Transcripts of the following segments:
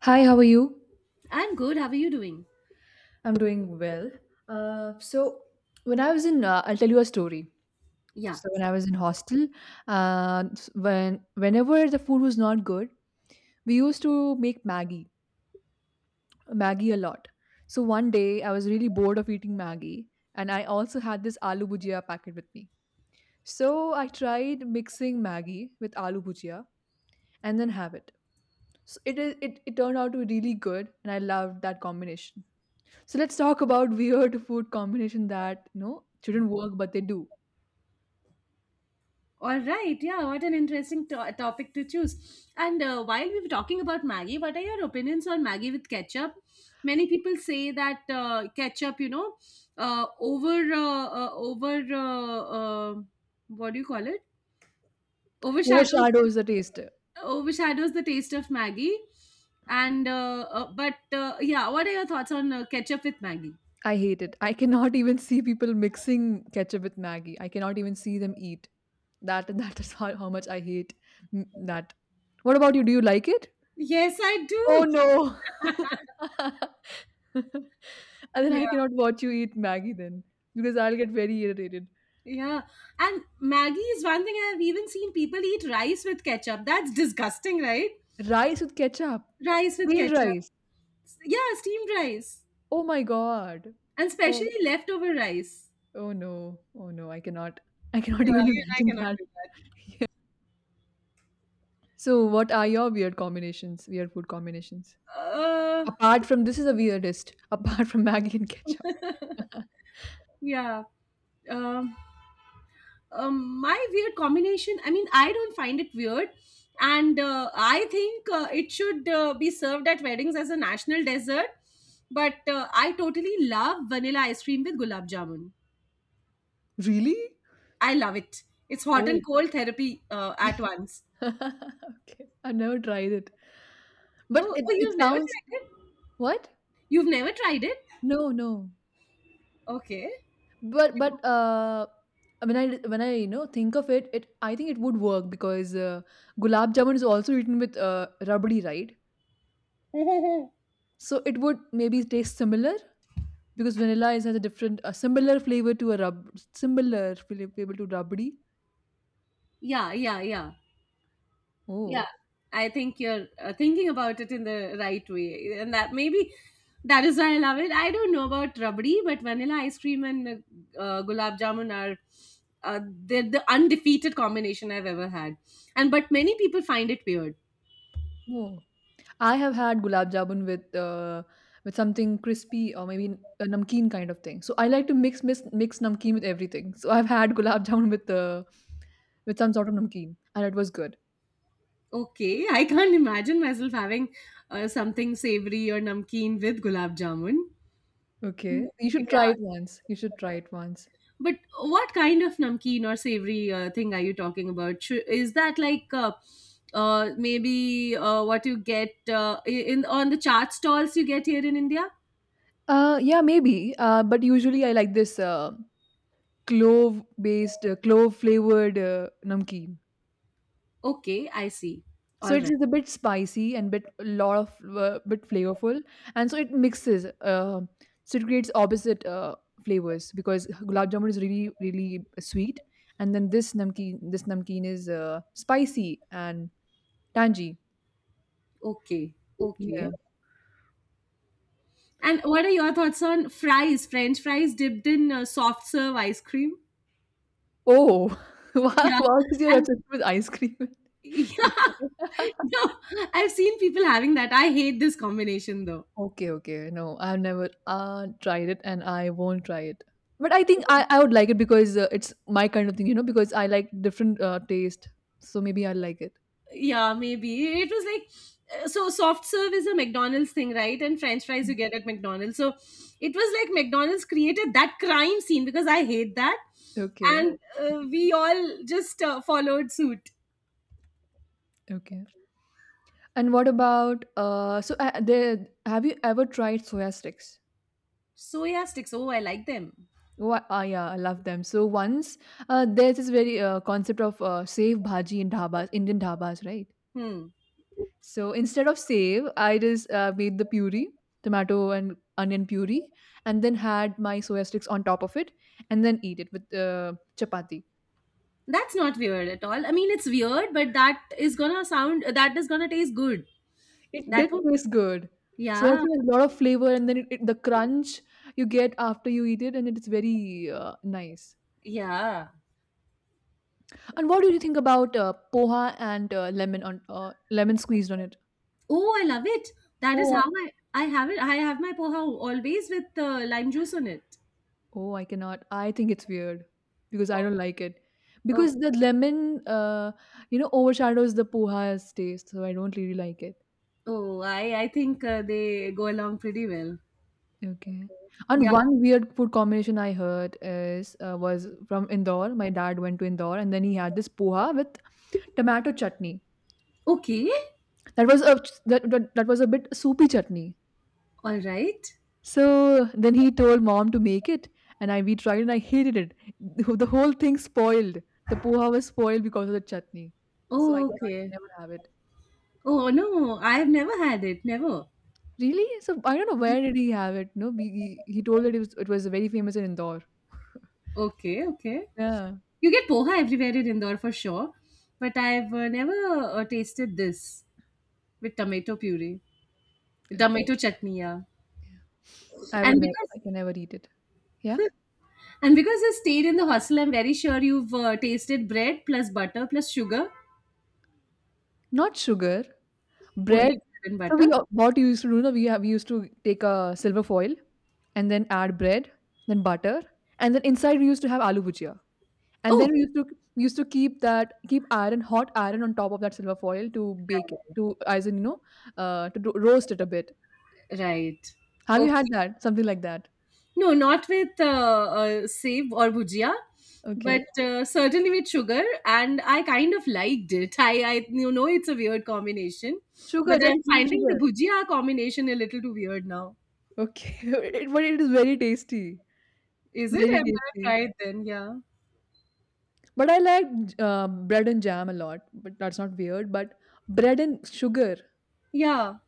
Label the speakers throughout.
Speaker 1: Hi, how are you?
Speaker 2: I'm good. How are you doing?
Speaker 1: I'm doing well. So when I was in, I'll tell you a story.
Speaker 2: Yeah.
Speaker 1: So when I was in hostel, when whenever the food was not good, we used to make Maggie a lot. So one day I was really bored of eating Maggie, and I also had this aloo bhujia packet with me. So I tried mixing Maggie with aloo bhujia and then have it. So it turned out to be really good, and I loved that combination. So let's talk about weird food combination that you know shouldn't work but they do.
Speaker 2: All right. Yeah. What an interesting topic to choose. And while we were talking about Maggie, what are your opinions on Maggie with ketchup? Many people say that ketchup, you know, over over what do you call it? Overshadows
Speaker 1: Overshadows the taste.
Speaker 2: overshadows the taste of Maggie. And but yeah, what are your thoughts on ketchup with Maggie?
Speaker 1: I hate it. I cannot even see people mixing ketchup with Maggie. I cannot even see them eat. That is how much I hate mm, that. What about you? Do you like it?
Speaker 2: Yes, I
Speaker 1: Oh
Speaker 2: do.
Speaker 1: no. And then I cannot watch you eat Maggie then because I'll get very irritated.
Speaker 2: Yeah. And Maggie is one thing, I've even seen people eat rice with ketchup. That's disgusting, right?
Speaker 1: Rice with ketchup.
Speaker 2: Rice with
Speaker 1: Plain
Speaker 2: ketchup.
Speaker 1: rice.
Speaker 2: Yeah, steamed rice.
Speaker 1: Oh my god.
Speaker 2: And
Speaker 1: Oh.
Speaker 2: especially leftover rice.
Speaker 1: Oh no. Oh no. I cannot. I
Speaker 2: Yeah,
Speaker 1: cannot even
Speaker 2: even I
Speaker 1: imagine
Speaker 2: cannot
Speaker 1: that.
Speaker 2: do that.
Speaker 1: So, what are your weird combinations? Weird food combinations.
Speaker 2: Uh,
Speaker 1: Apart from this is the weirdest. Apart from Maggie and ketchup.
Speaker 2: yeah. Um, my weird combination, I mean, I don't find it weird. And I think it should be served at weddings as a national dessert. But I totally love vanilla ice cream with gulab jamun.
Speaker 1: Really?
Speaker 2: I love it. It's hot
Speaker 1: Oh.
Speaker 2: and cold therapy at once.
Speaker 1: Okay, I've never tried it. But
Speaker 2: Oh,
Speaker 1: it,
Speaker 2: oh,
Speaker 1: it
Speaker 2: you've never
Speaker 1: sounds
Speaker 2: tried it?
Speaker 1: what?
Speaker 2: You've never tried it?
Speaker 1: No, no.
Speaker 2: Okay.
Speaker 1: But when I you know think of it, it I think it would work because gulab jamun is also eaten with rabdi, right? So it would maybe taste similar. Because vanilla is has a different, a similar flavor to a rub, similar flavor to rabdi.
Speaker 2: Yeah, yeah, yeah, yeah.
Speaker 1: Oh,
Speaker 2: I think you're thinking about it in the right way, and that maybe that is why I love it. I don't know about rabdi, but vanilla ice cream and gulab jamun are they're the undefeated combination I've ever had. And but many people find it weird.
Speaker 1: oh. I have had gulab jamun with something crispy or maybe a namkeen kind of thing. So I like to mix namkeen with everything. So I've had gulab jamun with some sort of namkeen, and it was good.
Speaker 2: Okay, I can't imagine myself having something savory or namkeen with gulab jamun. Mm.
Speaker 1: Okay, you should try
Speaker 2: Yeah,
Speaker 1: it once. You should try it once.
Speaker 2: but what kind of namkeen or savory thing are you talking about? Is that like maybe what you get in on the chaat stalls you get here in India?
Speaker 1: Yeah, maybe. But usually I like this clove based, clove flavored namkeen.
Speaker 2: Okay, I see.
Speaker 1: So
Speaker 2: All
Speaker 1: it
Speaker 2: right.
Speaker 1: is a bit spicy and bit a lot of bit flavorful, and so it mixes. So it creates opposite flavors because gulab jamun is really really sweet, and then this namkeen is spicy and tangy.
Speaker 2: Okay.
Speaker 1: Yeah.
Speaker 2: Okay. And what are your thoughts on French fries dipped in soft serve ice cream?
Speaker 1: Oh, wow!
Speaker 2: Yeah.
Speaker 1: What is your
Speaker 2: And
Speaker 1: obsession with ice cream?
Speaker 2: yeah, no, I've seen people having that. I hate this combination though.
Speaker 1: Okay, okay. No, I've never tried it and I won't try it. But I think I would like it because it's my kind of thing, you know, because I like different taste. So maybe I will like it.
Speaker 2: Yeah, maybe. It was like, so soft serve is a McDonald's thing, right? And french fries
Speaker 1: Mm.
Speaker 2: you get at McDonald's. So it was like McDonald's created that crime scene because I hate that.
Speaker 1: Okay,
Speaker 2: And we all just followed suit.
Speaker 1: okay. And what about so there have you ever tried soya sticks?
Speaker 2: Soya sticks. Oh, I like them.
Speaker 1: What ah yeah, I love them. So once there's this very concept of save bhaji in dhabas, Indian dhabas, right?
Speaker 2: Hmm.
Speaker 1: So instead of save, I just made the puree, tomato and onion puree, and then had my soya sticks on top of it, and then eat it with chapati.
Speaker 2: That's not weird at all. I mean, it's weird, but that is gonna taste good.
Speaker 1: It
Speaker 2: That
Speaker 1: did
Speaker 2: would,
Speaker 1: taste good. Soya
Speaker 2: yeah,
Speaker 1: stick has a lot of flavor, and then the crunch you get after you eat it, and it's very nice.
Speaker 2: yeah.
Speaker 1: And what do you think about poha and lemon squeezed on it?
Speaker 2: Oh, I love it. That is
Speaker 1: Oh,
Speaker 2: how I have it. I have my poha always with lime juice on it.
Speaker 1: oh, I cannot. I think it's weird because I
Speaker 2: Oh,
Speaker 1: don't like it.
Speaker 2: oh,
Speaker 1: Because the lemon, you know, overshadows the poha's taste, so I don't really like it.
Speaker 2: oh I think they go along pretty well.
Speaker 1: Okay. And
Speaker 2: Yeah.
Speaker 1: one weird food combination I heard is was from Indore. My dad went to Indore, and then he had this poha with tomato chutney.
Speaker 2: Okay.
Speaker 1: That was a that was a bit soupy chutney.
Speaker 2: All right.
Speaker 1: So then he told mom to make it, and I we tried and I hated it. The whole thing spoiled. The poha was spoiled because of the chutney. So I
Speaker 2: Oh,
Speaker 1: can't
Speaker 2: okay.
Speaker 1: never have it.
Speaker 2: Oh no, I've never had it. Never.
Speaker 1: Really? So I don't know where did he have it. No, we, he told that it was very famous in Indore.
Speaker 2: Okay. Okay.
Speaker 1: Yeah.
Speaker 2: You get poha everywhere in Indore for sure, but I've never tasted this with tomato puree,
Speaker 1: Okay.
Speaker 2: tomato chutney. Yeah.
Speaker 1: I would
Speaker 2: And
Speaker 1: never. I
Speaker 2: because
Speaker 1: can never eat it. Yeah.
Speaker 2: And because I stayed in the hostel, I'm very sure you've tasted bread plus butter plus sugar,
Speaker 1: Not sugar.
Speaker 2: only
Speaker 1: Bread.
Speaker 2: bread and
Speaker 1: So we
Speaker 2: butter.
Speaker 1: all- what you used to do. No, we used to take a silver foil and then add bread, then butter, and then inside we used to have aloo bhujia. And
Speaker 2: Oh,
Speaker 1: then we used to keep that keep iron hot iron on top of that silver foil to bake it to as in you know to roast it a bit.
Speaker 2: right.
Speaker 1: Have you
Speaker 2: Okay.
Speaker 1: had that? Something like that?
Speaker 2: No, not with save or bhujia, but
Speaker 1: Okay.
Speaker 2: certainly with sugar. And I kind of liked it. You know, it's a weird combination,
Speaker 1: Sugar,
Speaker 2: but
Speaker 1: just
Speaker 2: I'm
Speaker 1: plain
Speaker 2: finding the
Speaker 1: sugar.
Speaker 2: bhujia combination a little too weird now.
Speaker 1: Okay, but it is very tasty,
Speaker 2: Is it?
Speaker 1: very
Speaker 2: I'm gonna
Speaker 1: tasty.
Speaker 2: try it then. Yeah.
Speaker 1: But I like bread and jam a lot. But that's not weird. But bread and sugar.
Speaker 2: Yeah.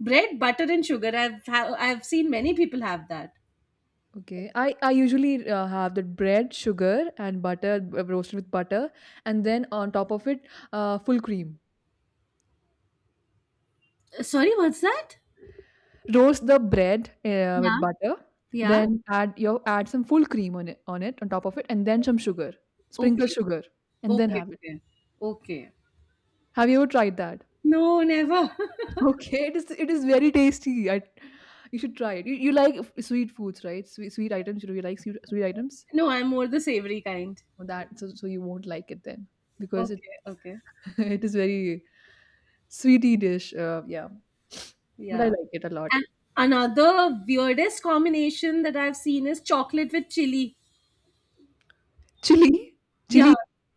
Speaker 2: Bread, butter, and sugar. I've seen many people have that.
Speaker 1: Okay, I usually have the bread, sugar, and butter roasted with butter, and then on top of it, full cream.
Speaker 2: Sorry, what's that?
Speaker 1: Roast the bread, with
Speaker 2: Yeah,
Speaker 1: butter,
Speaker 2: yeah.
Speaker 1: then add some full cream on top of it, and then some sugar. Sprinkle
Speaker 2: Okay,
Speaker 1: sugar, and then
Speaker 2: okay,
Speaker 1: have it.
Speaker 2: okay, okay.
Speaker 1: Have you ever tried that?
Speaker 2: No, never.
Speaker 1: Okay, it is very tasty. I you should try it. You like f- sweet foods, right? Sweet sweet items. You like sweet, sweet items?
Speaker 2: no, I'm more the savory kind.
Speaker 1: Well, that so, so you won't like it then because it
Speaker 2: Okay, okay.
Speaker 1: it is very sweety dish. Yeah, but I
Speaker 2: Yeah.
Speaker 1: like it a lot.
Speaker 2: And another weirdest combination that I've seen is chocolate with chili.
Speaker 1: Chili, chili.
Speaker 2: Yeah,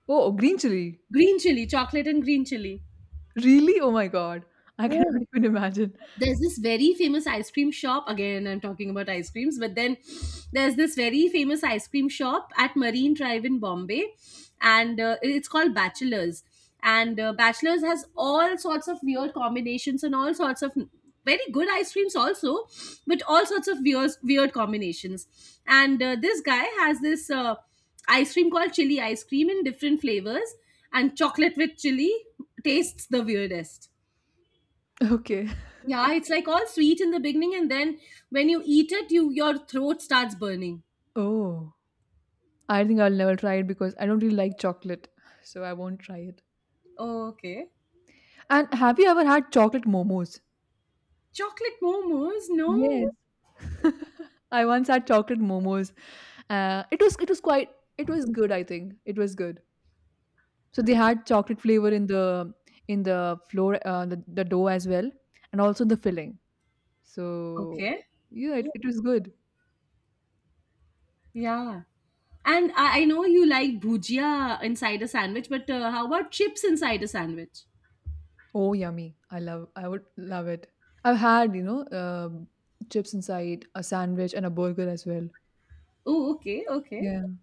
Speaker 1: Oh, green chili.
Speaker 2: green chili, chocolate and green chili.
Speaker 1: Really? Oh my god, I cannot even imagine.
Speaker 2: There's this very famous ice cream shop, again I'm talking about ice creams, but then there's this very famous ice cream shop at Marine Drive in Bombay, and it's called Bachelors, and Bachelors has all sorts of weird combinations and all sorts of very good ice creams also, but all sorts of weird combinations. And this guy has this ice cream called chili ice cream in different flavors, and chocolate with chili tastes the weirdest.
Speaker 1: Okay.
Speaker 2: Yeah, it's like all sweet in the beginning, and then when you eat it, your throat starts burning.
Speaker 1: Oh, I think I'll never try it because I don't really like chocolate, so I won't try it.
Speaker 2: Oh, okay.
Speaker 1: And have you ever had chocolate momos?
Speaker 2: Chocolate momos? No.
Speaker 1: Yes. I once had chocolate momos. It was quite it was good. I think it was good. So they had chocolate flavor in the floor the dough as well, and also the filling. So
Speaker 2: Okay.
Speaker 1: yeah, it was good.
Speaker 2: Yeah. And I know you like bhujia inside a sandwich, but how about chips inside a sandwich?
Speaker 1: Oh, yummy. I love I would love it. I've had, you know, chips inside, a sandwich and a burger as well.
Speaker 2: Oh, okay, okay.
Speaker 1: Yeah.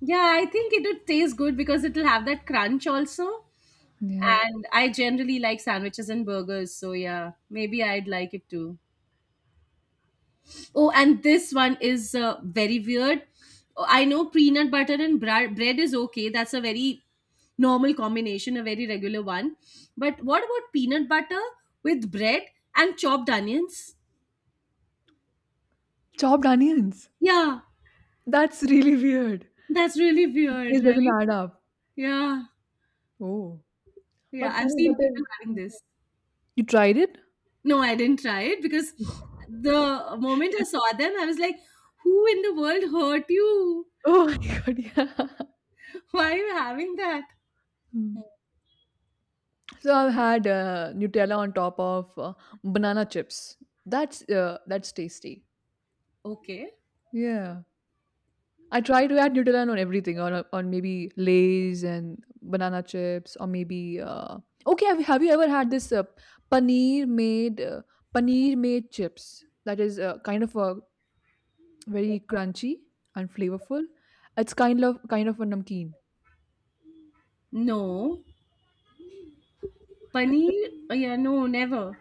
Speaker 2: Yeah, I think it would taste good because it'll have that crunch also.
Speaker 1: Yeah.
Speaker 2: And I generally like sandwiches and burgers, so yeah, maybe I'd like it too. Oh, and this one is very weird. Oh, I know peanut butter and bread is okay. That's a very normal combination, a very regular one. But what about peanut butter with bread and chopped onions?
Speaker 1: Chopped onions.
Speaker 2: Yeah,
Speaker 1: That's really weird.
Speaker 2: that's really
Speaker 1: The
Speaker 2: weird,
Speaker 1: taste doesn't
Speaker 2: right?
Speaker 1: add up.
Speaker 2: Yeah,
Speaker 1: Oh.
Speaker 2: yeah.
Speaker 1: But
Speaker 2: I've
Speaker 1: peanut
Speaker 2: seen
Speaker 1: butter.
Speaker 2: people having
Speaker 1: Yeah.
Speaker 2: this.
Speaker 1: You tried it?
Speaker 2: No, I didn't try it because the moment I saw them, I was like, who in the world hurt you?
Speaker 1: Oh my god, yeah.
Speaker 2: Why are you having that?
Speaker 1: Hmm. So I've had Nutella on top of banana chips. That's tasty.
Speaker 2: Okay.
Speaker 1: Yeah. I try to add Nutella on everything, on maybe Lay's and banana chips, or maybe okay. Have you ever had this paneer made uh, paneer made chips? That is kind of a very crunchy and flavorful. It's kind of a namkeen.
Speaker 2: No.
Speaker 1: But
Speaker 2: Paneer? Yeah, no, never.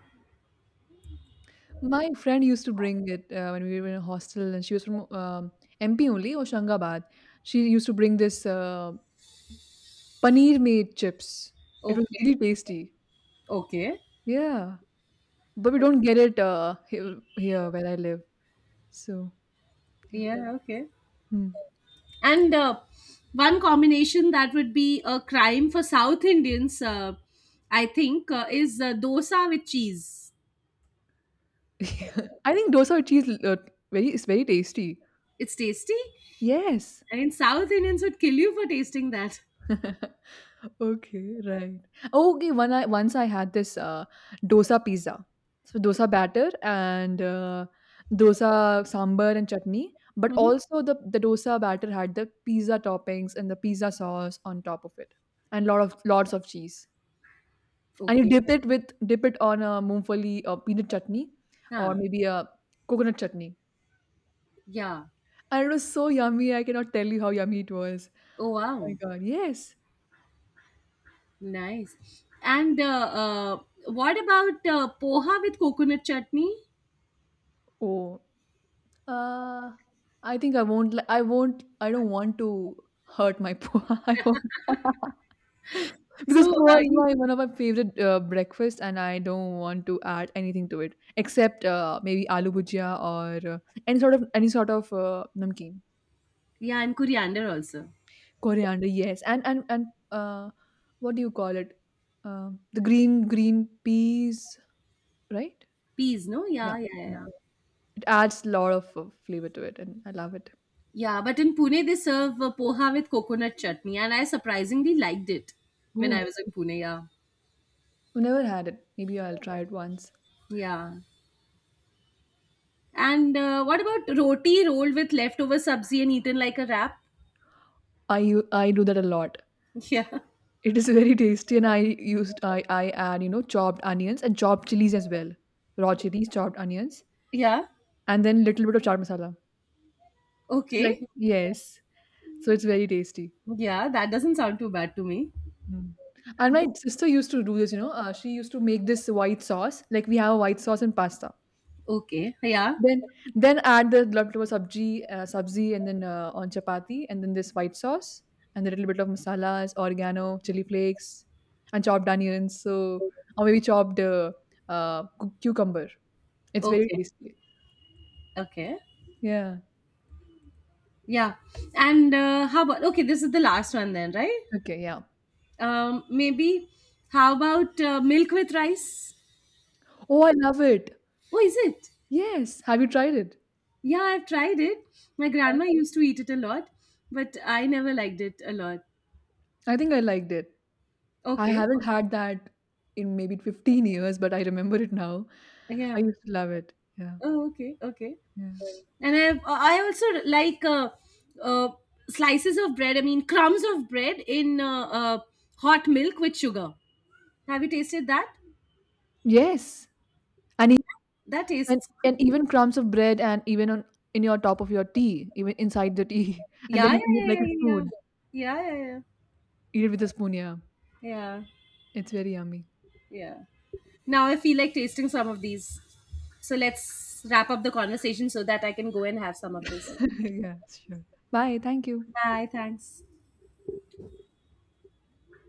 Speaker 1: my friend used to bring it when we were in a hostel, and she was from MP only, Hoshangabad. She used to bring this paneer made chips. It was
Speaker 2: Okay,
Speaker 1: really tasty.
Speaker 2: okay.
Speaker 1: Yeah. But we don't get it here, here where I live. So yeah,
Speaker 2: Yeah, okay.
Speaker 1: hmm.
Speaker 2: And one combination that would be a crime for South Indians, I think, is dosa with cheese.
Speaker 1: I think dosa with cheese very is very tasty.
Speaker 2: It's tasty.
Speaker 1: Yes.
Speaker 2: I mean, South Indians would kill you for tasting that.
Speaker 1: Okay, right. Oh, okay, one I once I had this dosa pizza. So dosa batter and dosa sambar and chutney, but
Speaker 2: Mhm.
Speaker 1: also the dosa batter had the pizza toppings and the pizza sauce on top of it, and lot of lots of cheese. And you
Speaker 2: Okay.
Speaker 1: dip it on a Moongfali or peanut chutney or
Speaker 2: Huh.
Speaker 1: maybe a coconut chutney.
Speaker 2: Yeah.
Speaker 1: And it was so yummy, I cannot tell you how yummy it was.
Speaker 2: Oh,
Speaker 1: Oh my
Speaker 2: wow.
Speaker 1: god, yes.
Speaker 2: Nice. And what about poha with coconut chutney?
Speaker 1: Oh, uh, I think I won't. Li- I won't. I don't want to hurt my poha. I won't. Because
Speaker 2: So,
Speaker 1: poha is
Speaker 2: you-
Speaker 1: my one of my favorite breakfast, and I don't want to add anything to it except maybe aloo bhujia or any sort of namkeen.
Speaker 2: yeah, and coriander also.
Speaker 1: Coriander, yes, and what do you call it? The green peas, right?
Speaker 2: Peas, no?
Speaker 1: Yeah,
Speaker 2: Yeah, yeah,
Speaker 1: yeah.
Speaker 2: yeah.
Speaker 1: It adds a lot of flavor to it, and I love it.
Speaker 2: Yeah, but in Pune they serve poha with coconut chutney, and I surprisingly liked it when I
Speaker 1: Ooh,
Speaker 2: was in Pune. Yeah,
Speaker 1: I've never had it. Maybe I'll try it once.
Speaker 2: yeah. And what about roti rolled with leftover sabzi and eaten like a wrap?
Speaker 1: I u- I do that a lot.
Speaker 2: Yeah,
Speaker 1: It is very tasty, and I used I add you know chopped onions and chopped chilies as well, raw chilies, chopped onions,
Speaker 2: yeah.
Speaker 1: and then little bit of chaat masala. So like
Speaker 2: Okay,
Speaker 1: yes, so it's very tasty.
Speaker 2: yeah. That doesn't sound too bad to me.
Speaker 1: Mm. And my sister used to do this, you know, she used to make this white sauce. Like we have a white sauce and pasta.
Speaker 2: Okay, yeah.
Speaker 1: then then add the leftover sabzi and then on chapati and then this white sauce and a little bit of masalas, oregano, chili flakes and chopped onions. So or maybe chopped cucumber. It's very
Speaker 2: Okay,
Speaker 1: tasty.
Speaker 2: okay.
Speaker 1: Yeah.
Speaker 2: Yeah. And how about okay? This is the last one then, right?
Speaker 1: Okay, yeah.
Speaker 2: Maybe. How about milk with rice?
Speaker 1: Oh, I love it.
Speaker 2: Oh, is it?
Speaker 1: Yes. Have you tried it?
Speaker 2: Yeah, I've tried it. My grandma used to eat it a lot, but I never liked it a lot.
Speaker 1: I think I liked it. I
Speaker 2: Okay.
Speaker 1: haven't had that in maybe 15 years, but I remember it now. I
Speaker 2: Yeah.
Speaker 1: used to love it. Yeah,
Speaker 2: Oh, okay. Okay.
Speaker 1: yeah.
Speaker 2: I also like uh, slices of bread. I mean, crumbs of bread in hot milk with sugar. Have you tasted that?
Speaker 1: Yes, and e-
Speaker 2: That
Speaker 1: and
Speaker 2: tastes.
Speaker 1: and even crumbs of bread, and even on in your top of your tea, even inside the tea, and then
Speaker 2: Yeah. Yeah.
Speaker 1: you eat it like
Speaker 2: Yeah.
Speaker 1: a
Speaker 2: Yeah. Yeah.
Speaker 1: spoon.
Speaker 2: Yeah. Yeah.
Speaker 1: Eat it with a spoon. Yeah,
Speaker 2: Yeah. Yeah.
Speaker 1: it's very yummy.
Speaker 2: Yeah. Now I feel like tasting some of these. So let's wrap up the conversation so that I can go and have some of this.
Speaker 1: Yeah, sure. Bye. Thank you.
Speaker 2: Bye. Thanks.